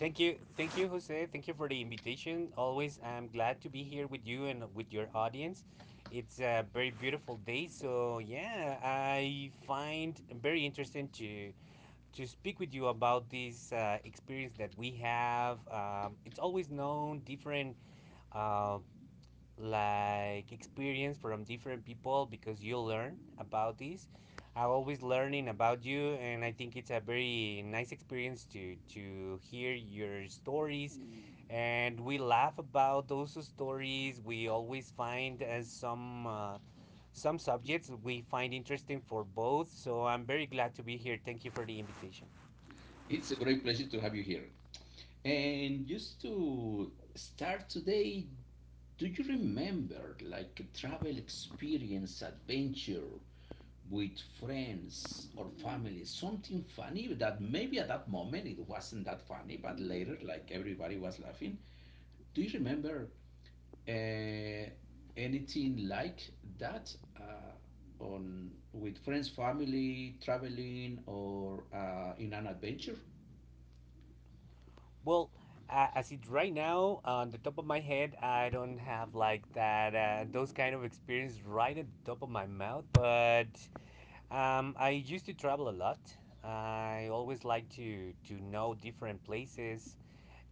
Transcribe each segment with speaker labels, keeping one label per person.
Speaker 1: Thank you. Thank you, Jose. Thank you for the invitation. Always, I'm glad to be here with you and with your audience. It's a very beautiful day. So, yeah, I find very interesting to speak with you about this experience that we have. It's always known different uh, like experience from different people because you learn about this. I'm always learning about you, and I think it's a very nice experience to hear your stories. And we laugh about those stories. We always find as some subjects we find interesting for both. So I'm very glad to be here. Thank you for the invitation. Well, as it right now, on the top of my head, I don't have like that those kind of experience right at the top of my mouth. But I used to travel a lot. I always like to know different places,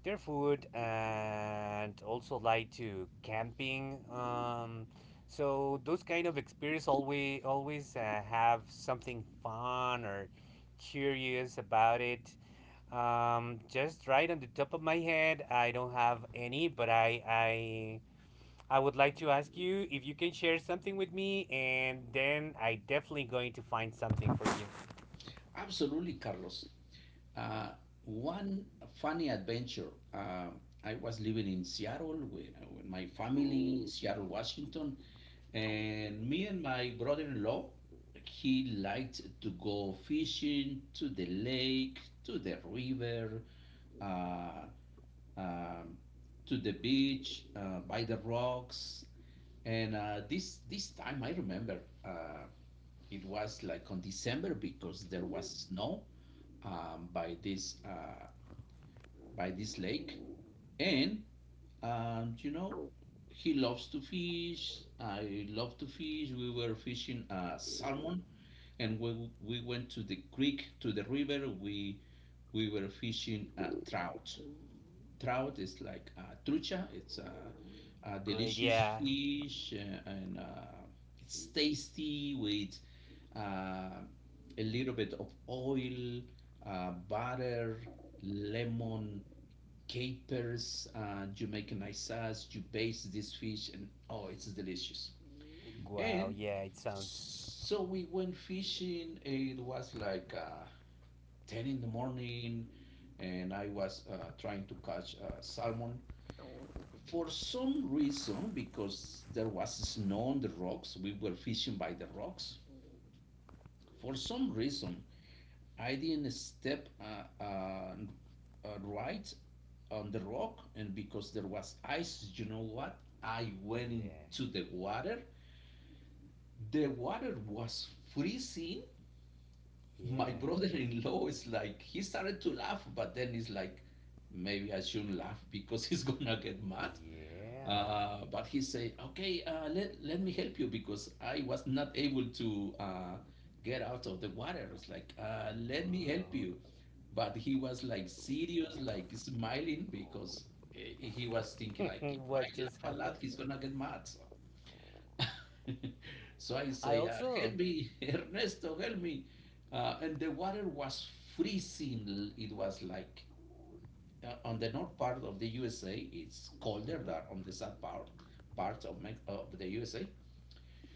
Speaker 1: their food, and also like to camping. So those kind of experience always have something fun or curious about it. Just right on the top of my head, I don't have any, but I would like to ask you if you can share something with me, and then I definitely going to find something for you. Great, yeah. Wow, yeah, it sounds. Yeah, yeah, yeah. Wow. What just happened? I also. Hmm.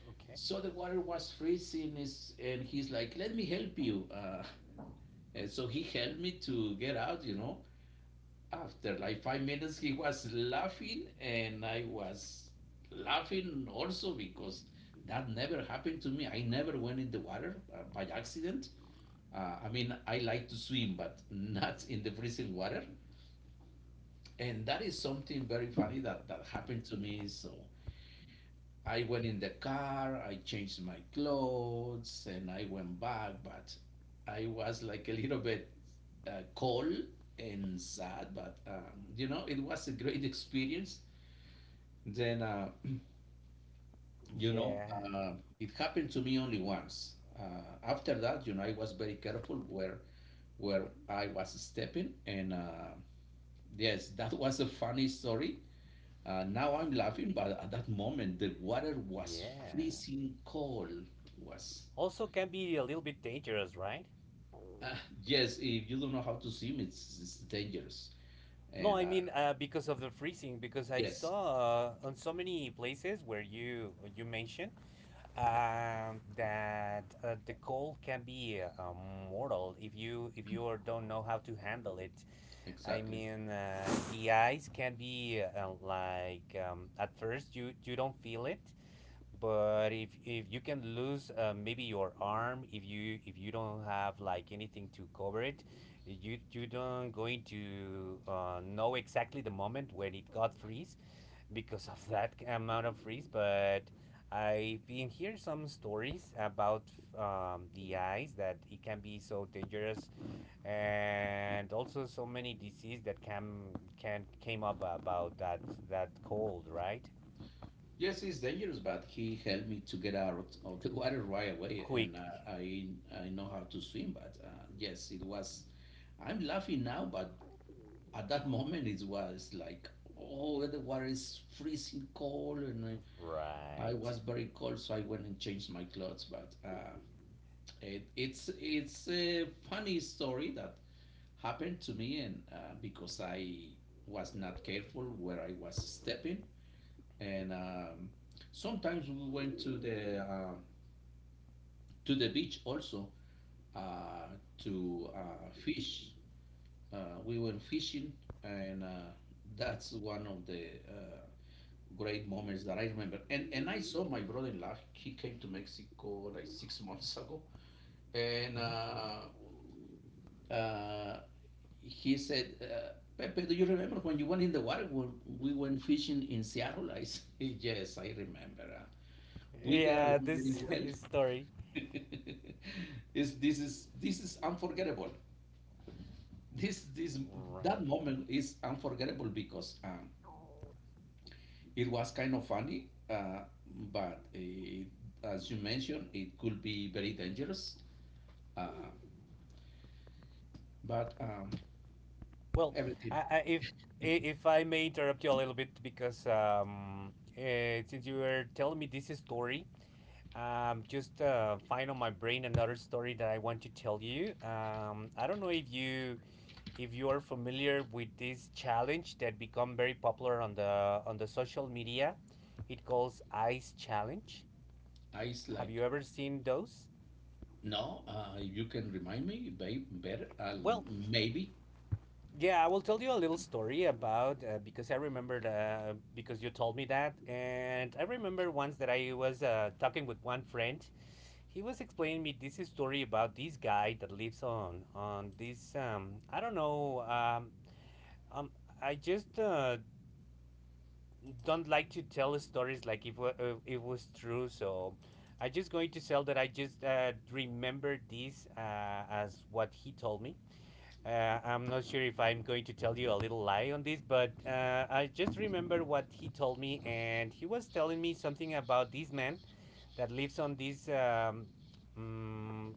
Speaker 1: Okay. Yeah, yeah. Also can be a little bit dangerous, right? No, I mean because of the freezing. Because I saw on so many places where you mentioned that the cold can be mortal if you or don't know how to handle it. I mean, the ice can be like at first you don't feel it, but if you can lose maybe your arm, if you don't have like anything to cover it, you don't going to know exactly the moment when it got freeze because of that amount of freeze. But I've been hear some stories about the eyes that it can be so dangerous, and also so many disease that can came up about that cold, right? Quick, right. Mhm. Yeah, this is story. Right. Well, I, I, if if I may interrupt you a little bit because since you were telling me this story, just find on my brain another story that I want to tell you. I don't know if you are familiar with this challenge that become very popular on the social media. It calls Ice Challenge. Have you ever seen those? Well, yeah, I will tell you a little story about because I remembered because you told me that, and I remember once that I was talking with one friend. He was explaining me this story about this guy that lives on this I don't know um I just don't like to tell stories like if it was true. So I just going to tell that I just remember this as what he told me, I'm not sure if I'm going to tell you a little lie on this, but I just remember what he told me, and he was telling me something about this man that lives on these mm,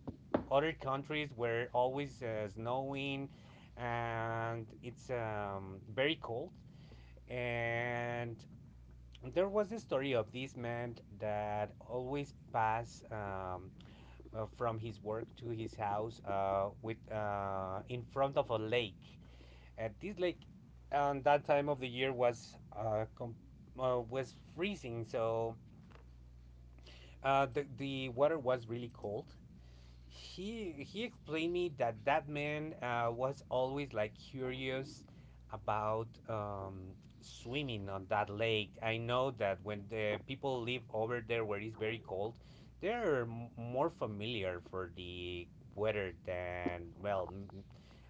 Speaker 1: other countries where always snowing and it's very cold. And there was a story of this man that always passed from his work to his house with in front of a lake. And this lake, on that time of the year, was freezing, so the water was really cold. He explained me that that man was always like curious about swimming on that lake. I know that when the people live over there where it's very cold, they're more familiar for the weather than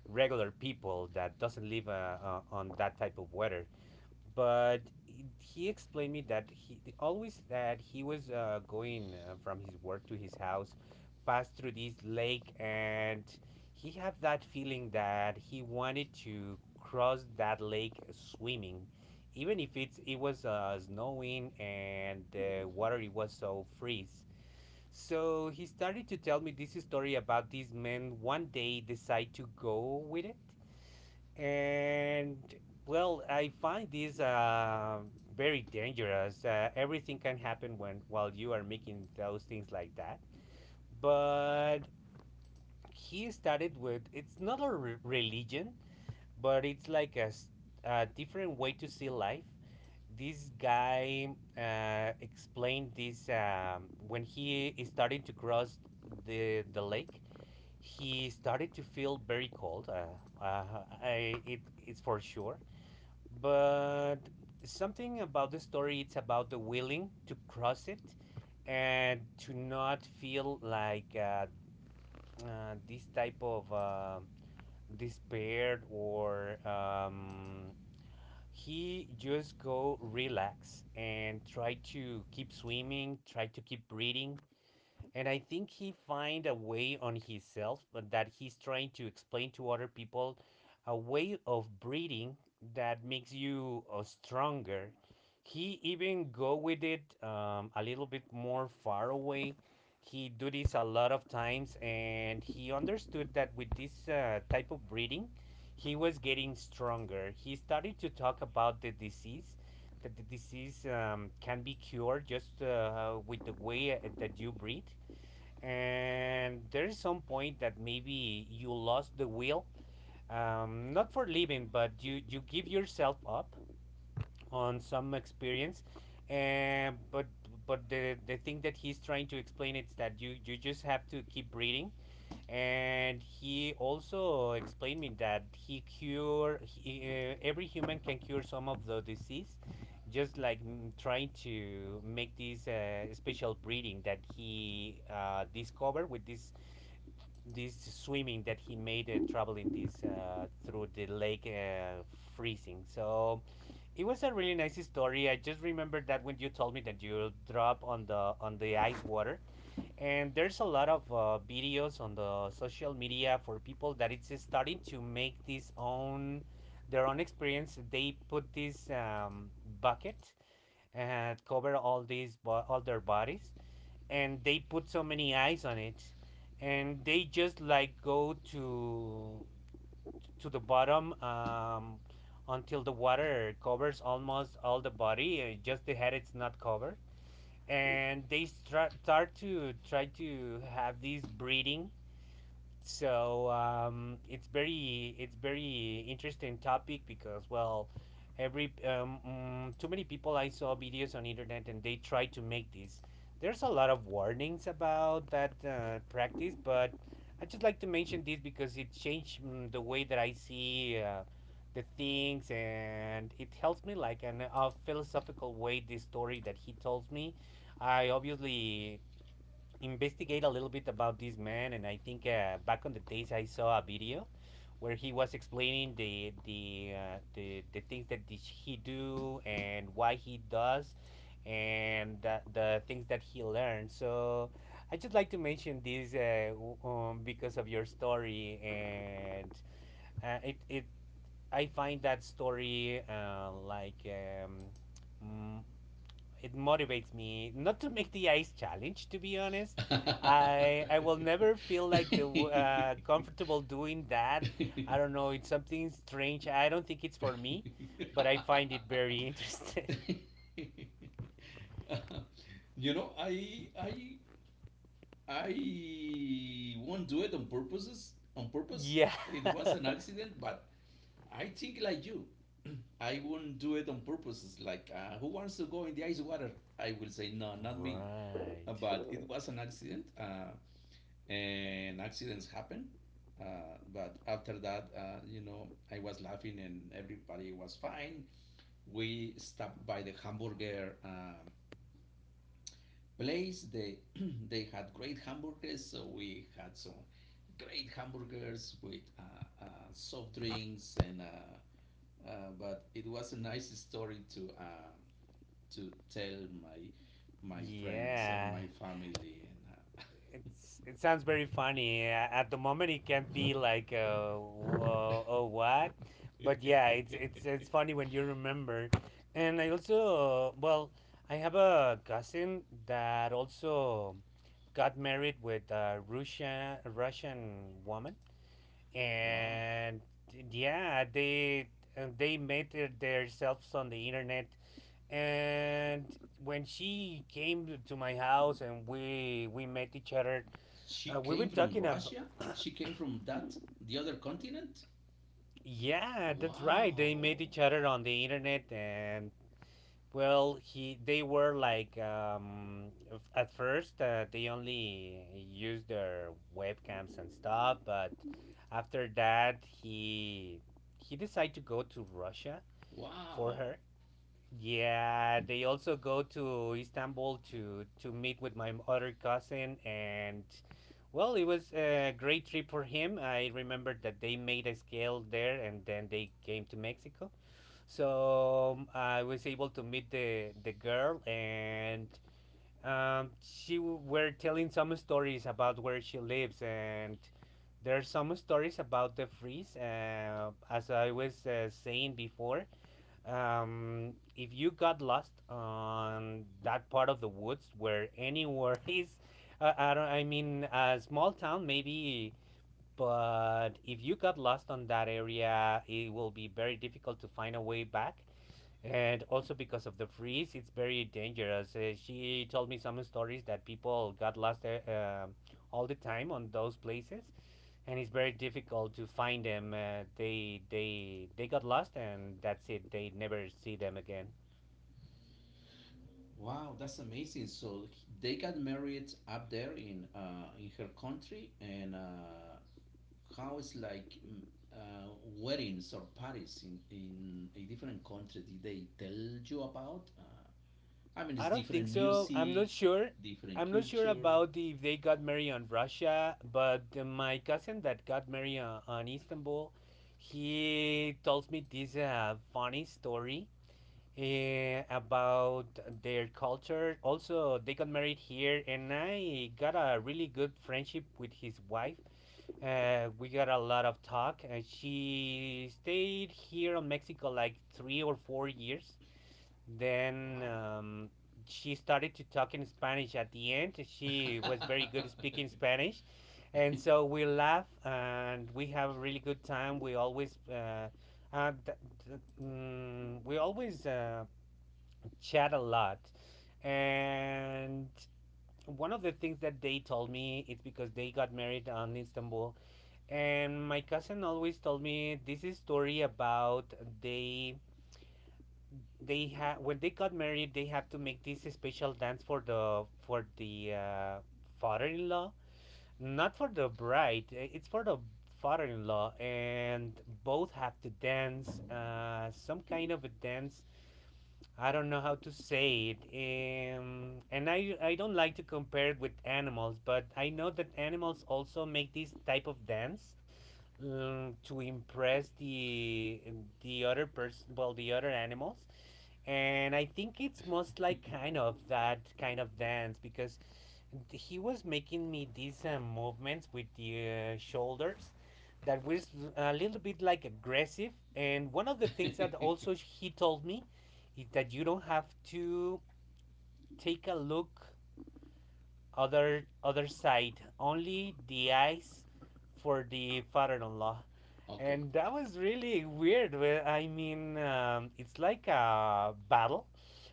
Speaker 1: regular people that doesn't live on that type of weather. But he explained me that always that he was going from his work to his house passed through this lake, and he had that feeling that he wanted to cross that lake swimming even if it was snowing and the water it was so freeze. So he started to tell me this story about this man one day decide to go with it. And well, I find this very dangerous. Everything can happen when while you are making those things like that. But he started with it's not a religion, but it's like a different way to see life. This guy explained this when he is starting to cross the lake. He started to feel very cold. It's for sure, but something about the story it's about the willing to cross it and to not feel like this type of despair or he just go relax and try to keep swimming, try to keep breathing. And I think he find a way on himself but that he's trying to explain to other people a way of breeding that makes you stronger. He even go with it a little bit more far away. He do this a lot of times, and he understood that with this type of breeding, he was getting stronger. He started to talk about the disease, that the disease can be cured just with the way that you breed. And there is some point that maybe you lost the will, not for living, but you give yourself up on some experience. And uh, but but the thing that he's trying to explain is that you just have to keep breathing. And he also explained me that every human can cure some of the disease just like trying to make this special breeding that he discovered with this swimming that he made traveling this through the lake freezing. So it was a really nice story. I just remember that when you told me that you drop on the ice water. And there's a lot of videos on the social media for people that it's starting to make this own their own experience. They put this bucket and cover all these all their bodies, and they put so many eyes on it, and they just like go to the bottom, until the water covers almost all the body, just the head it's not covered. And they start to try to have this breeding. So it's very interesting topic. Because well, every too many people I saw videos on internet and they try to make this. There's a lot of warnings about that practice, but I just like to mention this because it changed, the way that I see the things, and it helps me like in a philosophical way. This story that he told me, I obviously investigate a little bit about this man. And I think back on the days I saw a video where he was explaining the things that did he do and why he does, and the things that he learned. So I just like to mention this, because of your story. And uh, it, it I find that story like, mm, it motivates me not to make the ice challenge, to be honest. I will never feel like comfortable doing that. I don't know, it's something strange, I don't think it's for me, but I find it very interesting.
Speaker 2: you know, I I I won't do it on purposes. On purpose,
Speaker 1: Yeah.
Speaker 2: it was an accident, but I think like you. I won't do it on purposes. Like, who wants to go in the ice water? I will say no, not me. But
Speaker 1: Right.
Speaker 2: it was an accident, and accidents happen. But after that, I was laughing and everybody was fine. We stopped by the hamburger place. They they had great hamburgers, so we had some great hamburgers with soft drinks. And. Uh, uh, but it was a nice story to to tell my friends and
Speaker 1: Yeah,
Speaker 2: my family and
Speaker 1: it's it sounds very funny. A- At the moment, it can be like
Speaker 2: uh,
Speaker 1: whoa, oh what, but yeah, it's it's funny when you remember. And I also, well, I have a cousin that also got married with a Russian, a Russian woman,
Speaker 2: wow.
Speaker 1: and yeah, they met themselves on the internet. And when she came to my house and we met each other,
Speaker 2: She
Speaker 1: we were
Speaker 2: came from
Speaker 1: talking about.
Speaker 2: Russia, she came from that, the other continent.
Speaker 1: Yeah, that's right. They met
Speaker 2: Wow,
Speaker 1: each other on the internet, and well, he they were like at first they only used their webcams and stuff. But after that he decided to go to Russia for
Speaker 2: wow,
Speaker 1: her, yeah, they also go to Istanbul to meet with my other cousin. And well, it was a great trip for him. I remember that they made a scale there, and then they came to Mexico. So I was able to meet the girl, and she were telling some stories about where she lives, and there are some stories about the freeze. As I was saying before. If you got lost on that part of the woods where anywhere is I don't I mean a small town maybe, but if you got lost on that area it will be very difficult to find a way back, and also because of the freeze, it's very dangerous. She told me some stories that people got lost all the time on those places, and it's very difficult to find them. They got lost, and that's it. They never see them again.
Speaker 2: wow, that's amazing. So they got married up there in in her country, and how is like weddings or parties in a different country? Did they tell you about? I mean,
Speaker 1: I
Speaker 2: it's
Speaker 1: don't think
Speaker 2: different
Speaker 1: so. I'm
Speaker 2: music,
Speaker 1: not sure.
Speaker 2: different
Speaker 1: I'm not sure
Speaker 2: culture.
Speaker 1: about the, if they got married on Russia, but my cousin that got married on Istanbul, he tells me this funny story about their culture. Also, they got married here, and I got a really good friendship with his wife. We got a lot of talk, and she stayed here in Mexico like 3 or 4 years. Then
Speaker 2: Wow.
Speaker 1: um, she started to talk in Spanish at the end. She was very good at speaking Spanish, and so we laugh and we have a really good time. We always. Th- th- mm, we always chat a lot. And one of the things that they told me is because they got married on Istanbul. And my cousin always told me this is story about they they had when they got married they have to make this special dance for the father-in-law, not for the bride, it's for the father-in-law, and both have to dance some kind of a dance. I don't know how to say it. And I don't like to compare it with animals, but I know that animals also make this type of dance to impress the other person, well, the other animals. And I think it's most like kind of that kind of dance because he was making me these movements with the shoulders that was a little bit like aggressive. And one of the things that also he told me is that you don't have to take a look other side. Only the eyes for the father-in-law,
Speaker 2: Okay.
Speaker 1: and that was really weird. Well, I mean, it's like a battle,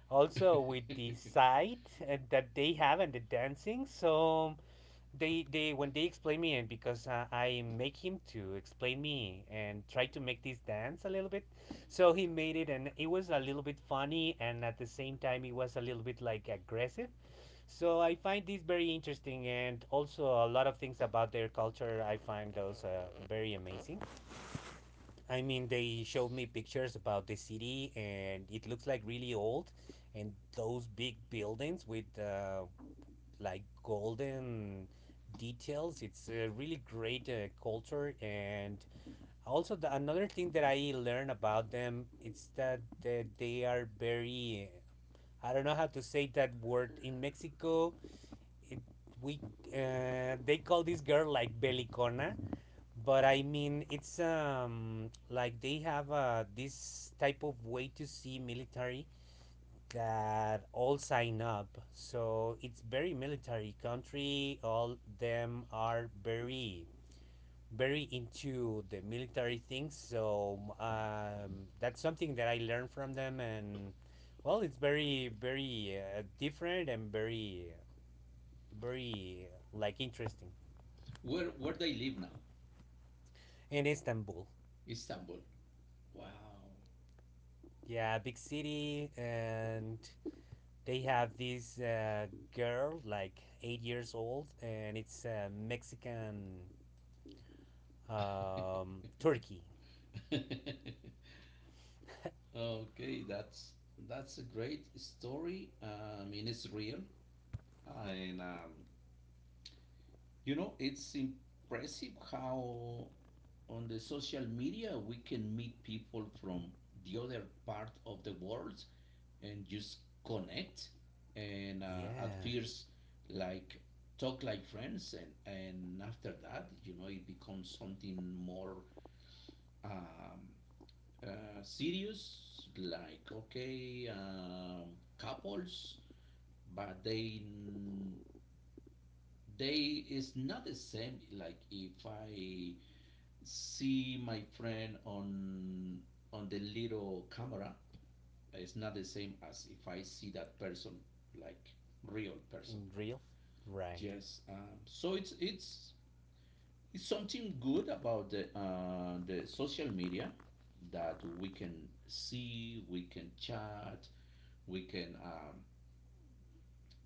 Speaker 1: also with the side that they have and the dancing. So they when they explain me, and because I make him to explain me and try to make this dance a little bit, so he made it and it was a little bit funny and at the same time it was a little bit like aggressive, so I find this very interesting, and also a lot of things about their culture. I find those very amazing. I mean, they showed me pictures about the city, and it looks like really old, and those big buildings with like golden details. It's a really great culture, and also the, another thing that I learned about them it's that, that they are very. I don't know how to say that word. In Mexico we they call this girl like Belicona, but I mean it's like they have this type of way to see military that all sign up. So it's very military country. All them are very very into the military things. So that's something that I learned from them and. Well, it's very, very different and very, very like interesting.
Speaker 2: Where they live now?
Speaker 1: In Istanbul.
Speaker 2: Istanbul. Wow.
Speaker 1: Yeah, big city, and they have this girl, like 8 years old, and it's a Mexican turkey.
Speaker 2: Okay, that's a great story. I mean, it's real, and it's impressive how on the social media we can meet people from the other part of the world and just connect and at
Speaker 1: Yeah,
Speaker 2: first, like, talk like friends, and after that, it becomes something more, um, serious, like, okay, couples, but they is not the same. Like, if I see my friend on the little camera, it's not the same as if I see that person like real person.
Speaker 1: in real, right?
Speaker 2: Yes, so it's something good about the the social media that we can see, we can chat, we can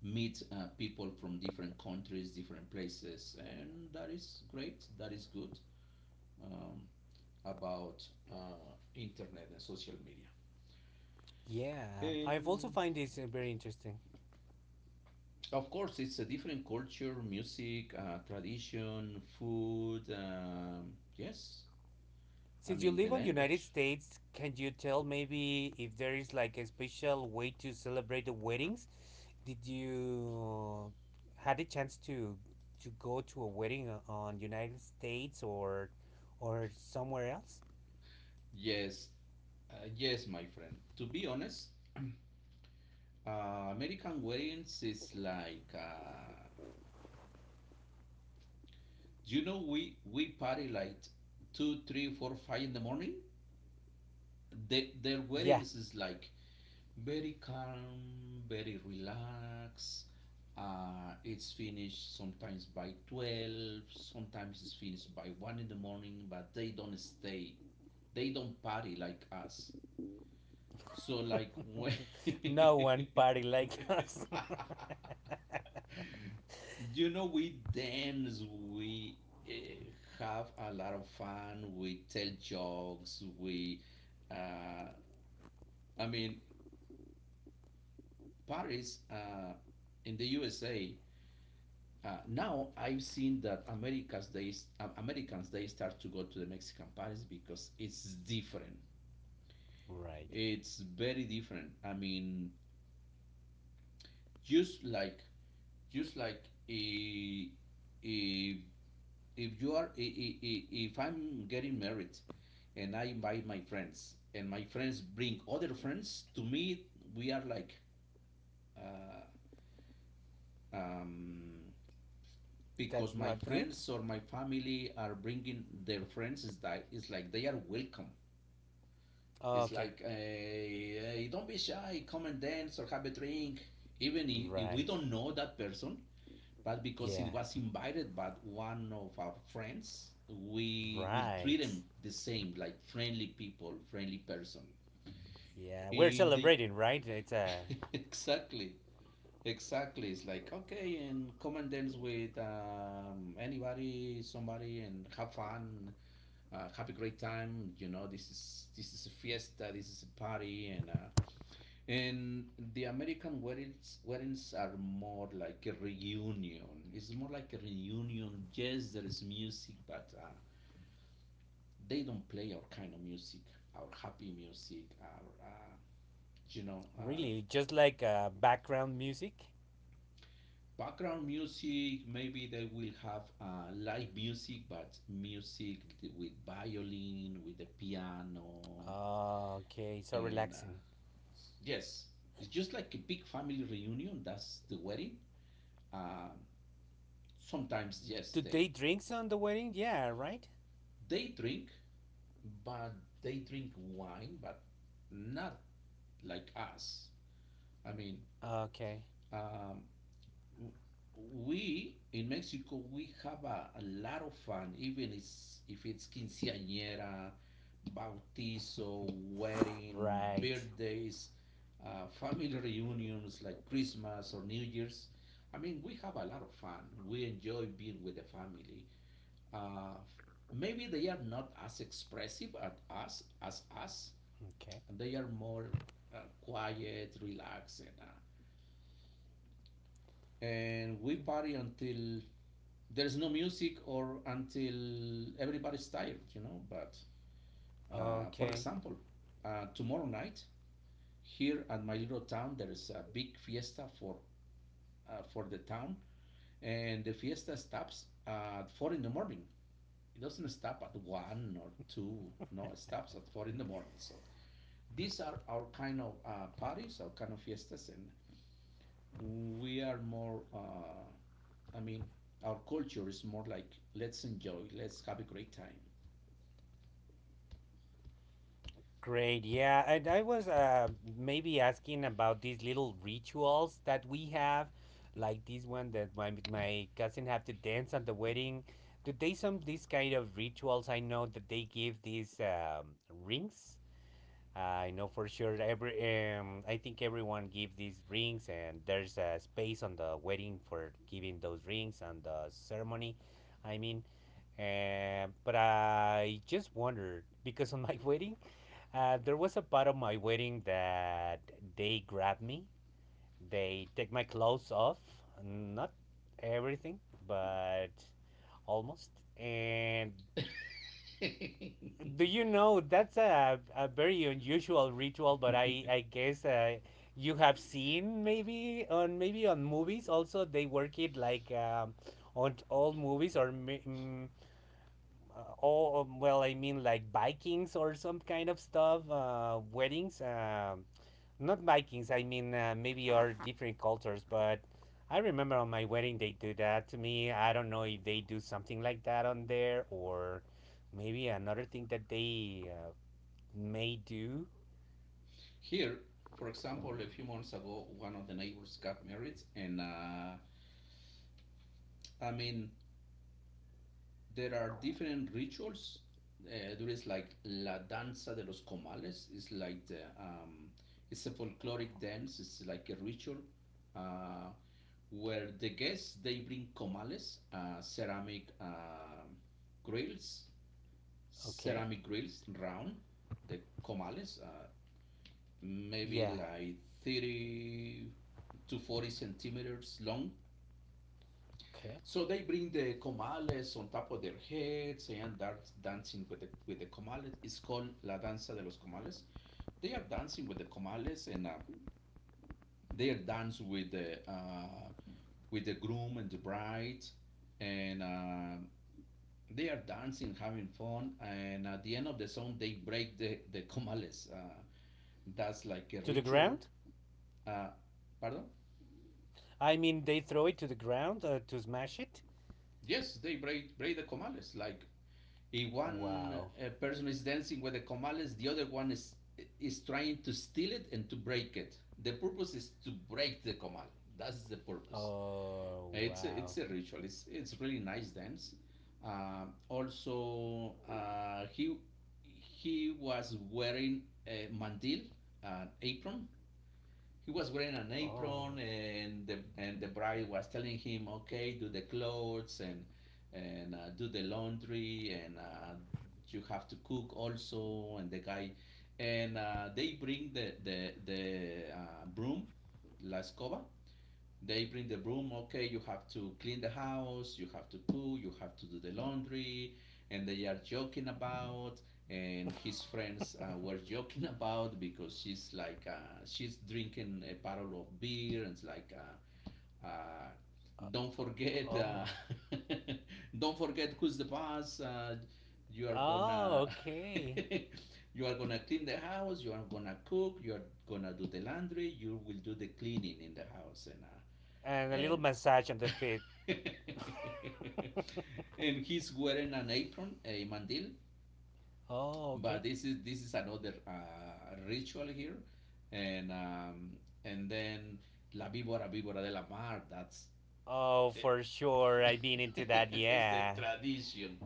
Speaker 2: meet people from different countries, different places, and that is great. That is good, um, about internet and social media.
Speaker 1: Yeah, I've also
Speaker 2: And
Speaker 1: find this very interesting.
Speaker 2: of course, it's a different culture, music, tradition, food. Yes, I
Speaker 1: Since you
Speaker 2: mean the
Speaker 1: live on United
Speaker 2: language.
Speaker 1: States, can you tell maybe if there is like a special way to celebrate the weddings? Did you had a chance to go to a wedding on United States or somewhere else?
Speaker 2: Yes, yes, my friend. To be honest, American weddings is like, we party like 2, 3, 4, 5 in the morning. They, their
Speaker 1: Yeah,
Speaker 2: weddings is like very calm, very relaxed. It's finished sometimes by 12, sometimes it's finished by 1 in the morning. But they don't stay, they don't party like us. So like when
Speaker 1: no one party like us.
Speaker 2: We dance, we, uh, have a lot of fun, we tell jokes, we, uh, I mean, Paris, in the USA. Now I've seen that Americans they, Americans, they start to go to the Mexican Paris because it's different.
Speaker 1: Right.
Speaker 2: It's very different. I mean, just like just like i- if if you are I- if I'm getting married, and I invite my friends, and my friends bring other friends to me, we are like, uh, um, because
Speaker 1: That's
Speaker 2: my
Speaker 1: not good.
Speaker 2: friends or my family are bringing their friends, is like it's like they are welcome. It's
Speaker 1: Okay.
Speaker 2: like, hey, hey, don't be shy, come and dance or have a drink, even if we
Speaker 1: Right.
Speaker 2: don't know that person, but because
Speaker 1: Yeah.
Speaker 2: it was invited by one of our friends, we will treat
Speaker 1: Right.
Speaker 2: them the same, like friendly people, friendly person.
Speaker 1: Yeah, we're
Speaker 2: In the
Speaker 1: celebrating, right? It's a
Speaker 2: exactly, exactly, it's like, okay, and come and dance with, anybody, somebody, and have fun, have a great time. This is this is a fiesta, this is a party, and the American weddings are more like a reunion. It's more like a reunion. Yes, there is music, but they don't play our kind of music, our happy music, our you know uh,
Speaker 1: really just like background music.
Speaker 2: background music. Maybe they will have live music, but music with violin, with the piano,
Speaker 1: Okay, so
Speaker 2: and
Speaker 1: relaxing.
Speaker 2: yes, it's just like a big family reunion. That's the wedding. Um sometimes, yes,
Speaker 1: Do
Speaker 2: they
Speaker 1: they drinks on the wedding? Yeah, right.
Speaker 2: They drink, but they drink wine, but not like us. I mean,
Speaker 1: Okay.
Speaker 2: um, w- we in Mexico we have a lot of fun, even if it's quinceañera, bautizo, wedding,
Speaker 1: Right.
Speaker 2: birthdays, family reunions like Christmas or New Year's. I mean, we have a lot of fun. We enjoy being with the family, uh, maybe they are not as expressive at us as us,
Speaker 1: Okay.
Speaker 2: they are more, quiet, relaxed, and we party until there's no music or until everybody's tired, but, for
Speaker 1: Okay,
Speaker 2: example, tomorrow night, here at my little town, there is a big fiesta for, for the town, and the fiesta stops at 4 in the morning. It doesn't stop at 1 or 2, no, it stops at 4 in the morning. So these are our kind of, parties, our kind of fiestas, and we are more. I mean, our culture is more like, let's enjoy, let's have a great time.
Speaker 1: great. Yeah, and I was maybe asking about these little rituals that we have, like this one that my cousin have to dance at the wedding. Do they some these kind of rituals? I know that they give these rings. I know for sure. Every I think everyone give these rings, and there's a space on the wedding for giving those rings and the ceremony. I mean, but I just wondered because on my wedding, there was a part of my wedding that they grabbed me. They take my clothes off, not everything, but almost, and do you know that's a very unusual ritual, but I guess you have seen maybe on maybe on movies also they work it like on all movies or all well I mean like Vikings or some kind of stuff weddings not Vikings I mean maybe are different cultures, but I remember on my wedding they do that to me. I don't know if they do something like that on there or maybe another thing that they May do.
Speaker 2: Here, for example, a few months ago, one of the neighbors got married, and, I mean, there are different rituals. There is like la danza de los comales. It's like the it's a folkloric dance. It's like a ritual, uh, where the guests they bring comales, ceramic, grills,
Speaker 1: Okay.
Speaker 2: ceramic grills round the comales, maybe
Speaker 1: Yeah.
Speaker 2: like 30 to 40 centimeters long,
Speaker 1: Okay.
Speaker 2: so they bring the comales on top of their heads and start dancing with the comales. It's called la danza de los comales. They are dancing with the comales, and, they are dance with the, with the groom and the bride, and, they are dancing, having fun. And at the end of the song, they break the comales. That's like a
Speaker 1: To the
Speaker 2: ritual.
Speaker 1: ground?
Speaker 2: Uh, pardon?
Speaker 1: I mean, they throw it to the ground to smash it?
Speaker 2: Yes, they break the comales, like, if one,
Speaker 1: Wow.
Speaker 2: person is dancing with the comales, the other one is trying to steal it and to break it. The purpose is to break the comal. That's the purpose.
Speaker 1: Oh,
Speaker 2: It's a, it's
Speaker 1: wow.
Speaker 2: a ritual. It's really nice dance. Also, he was wearing a mandil, an apron, he was wearing an apron,
Speaker 1: Oh.
Speaker 2: and the bride was telling him, okay, do the clothes, and, do the laundry, and, you have to cook also, and the guy, and, they bring the, the broom, la escoba, they bring the broom, okay, you have to clean the house, you have to poo, you have to do the laundry, and they are joking about, and his friends, were joking about because she's like, she's drinking a bottle of beer, and it's like, uh, uh, don't forget,
Speaker 1: Oh.
Speaker 2: don't forget who's the boss, you are
Speaker 1: Oh,
Speaker 2: gonna.
Speaker 1: okay.
Speaker 2: You are gonna clean the house, you are gonna cook, you are gonna do the laundry, you will do the cleaning in the house, and,
Speaker 1: And a little
Speaker 2: and
Speaker 1: massage on the feet.
Speaker 2: and he's wearing an apron, a mandil.
Speaker 1: Oh,
Speaker 2: But
Speaker 1: okay.
Speaker 2: this is another, ritual here, and, and then la víbora víbora de la mar. That's,
Speaker 1: Oh,
Speaker 2: uh,
Speaker 1: for sure. I've been into that,
Speaker 2: it's the
Speaker 1: yeah.
Speaker 2: tradition.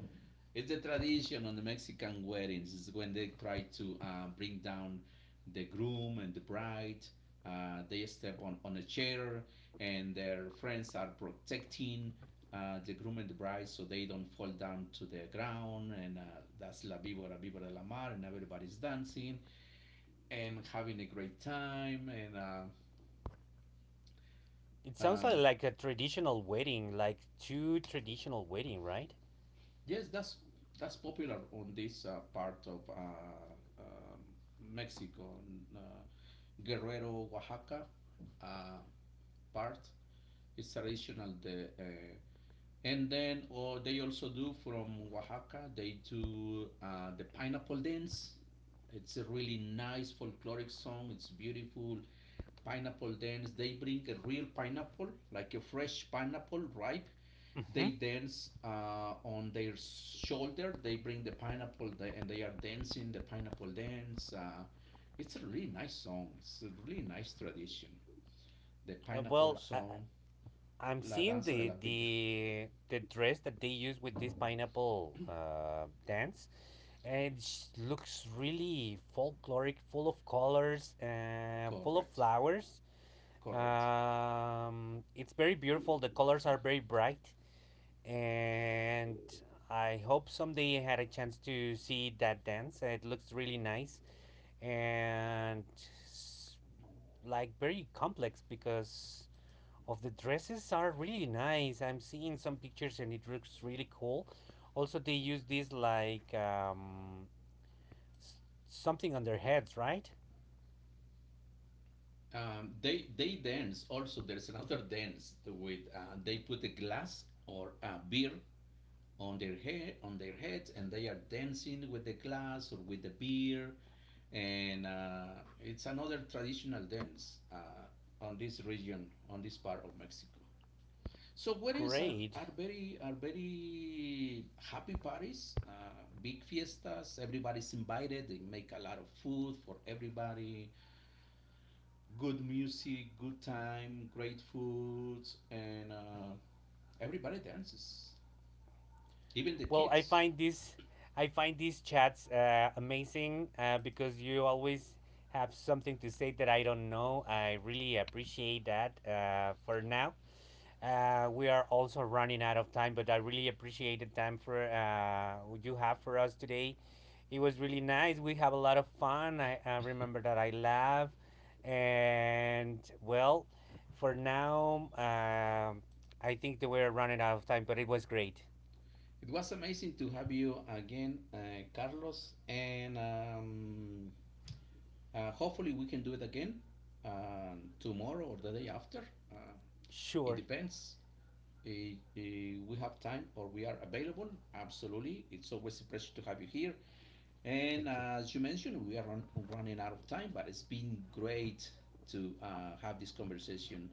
Speaker 2: It's the tradition on the Mexican weddings. It's when they try to, bring down the groom and the bride. They step on a chair, and their friends are protecting, the groom and the bride so they don't fall down to the ground. And, that's La Víbora, Víbora de la Mar, and everybody's dancing and having a great time. And,
Speaker 1: It sounds
Speaker 2: um,
Speaker 1: like a traditional wedding, like too traditional wedding, right?
Speaker 2: yes, that's popular on this, part of, um, Mexico, Guerrero, Oaxaca, uh, part. It's traditional. The and then, or they also do from Oaxaca. They do, the pineapple dance. It's a really nice folkloric song. It's beautiful. Pineapple dance. They bring a real pineapple, like a fresh pineapple, ripe,
Speaker 1: Mm-hmm.
Speaker 2: they dance, on their shoulder. They bring the pineapple, and they are dancing the pineapple dance. It's a really nice song. It's a really nice tradition. The
Speaker 1: Uh,
Speaker 2: pineapple
Speaker 1: well, I,
Speaker 2: song,
Speaker 1: I'm
Speaker 2: La
Speaker 1: seeing
Speaker 2: Danza de
Speaker 1: the
Speaker 2: la Pilla.
Speaker 1: the the dress that they use with this pineapple dance, and it looks really folkloric, full of colors, full of
Speaker 2: Correct,
Speaker 1: flowers.
Speaker 2: correct.
Speaker 1: It's very beautiful. The colors are very bright, and I hope someday I had a chance to see that dance. It looks really nice and s- like very complex because of the dresses are really nice. I'm seeing some pictures and it looks really cool. Also, they use this like s- something on their heads, right?
Speaker 2: They dance also. There's another dance with, they put a glass or a beer on their heads, and they are dancing with the glass or with the beer, and, it's another traditional dance, on this region on this part of Mexico. So weddings are,
Speaker 1: Great.
Speaker 2: are very happy parties, big fiestas, everybody's invited, they make a lot of food for everybody, good music, good time, great foods, and, everybody dances, even the
Speaker 1: Well, I
Speaker 2: kids.
Speaker 1: find this I find these chats amazing because you always have something to say that I don't know. I really appreciate that. We are also running out of time, but I really appreciate the time for you have for us today. It was really nice. We have a lot of fun. I remember that I laugh, and well, for now, I think that we're running out of time, but it was great.
Speaker 2: It was amazing to have you again, Carlos, and, hopefully we can do it again, tomorrow or the day after. Uh, it
Speaker 1: Sure,
Speaker 2: depends. We have time or we are available. Absolutely, it's always a pleasure to have you here. And,
Speaker 1: thank you,
Speaker 2: as you mentioned, we are running out of time, but it's been great to, have this conversation,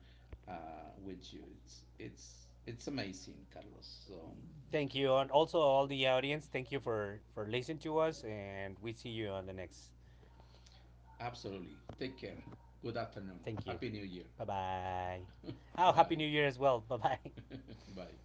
Speaker 2: with you. It's amazing, Carlos. So.
Speaker 1: thank you, and also all the audience. Thank you for listening to us, and we see you on the next.
Speaker 2: Absolutely. Take care. Good afternoon.
Speaker 1: Thank you.
Speaker 2: Happy New Year.
Speaker 1: Bye bye. Oh, happy
Speaker 2: Bye.
Speaker 1: New Year as well. Bye bye.
Speaker 2: Bye.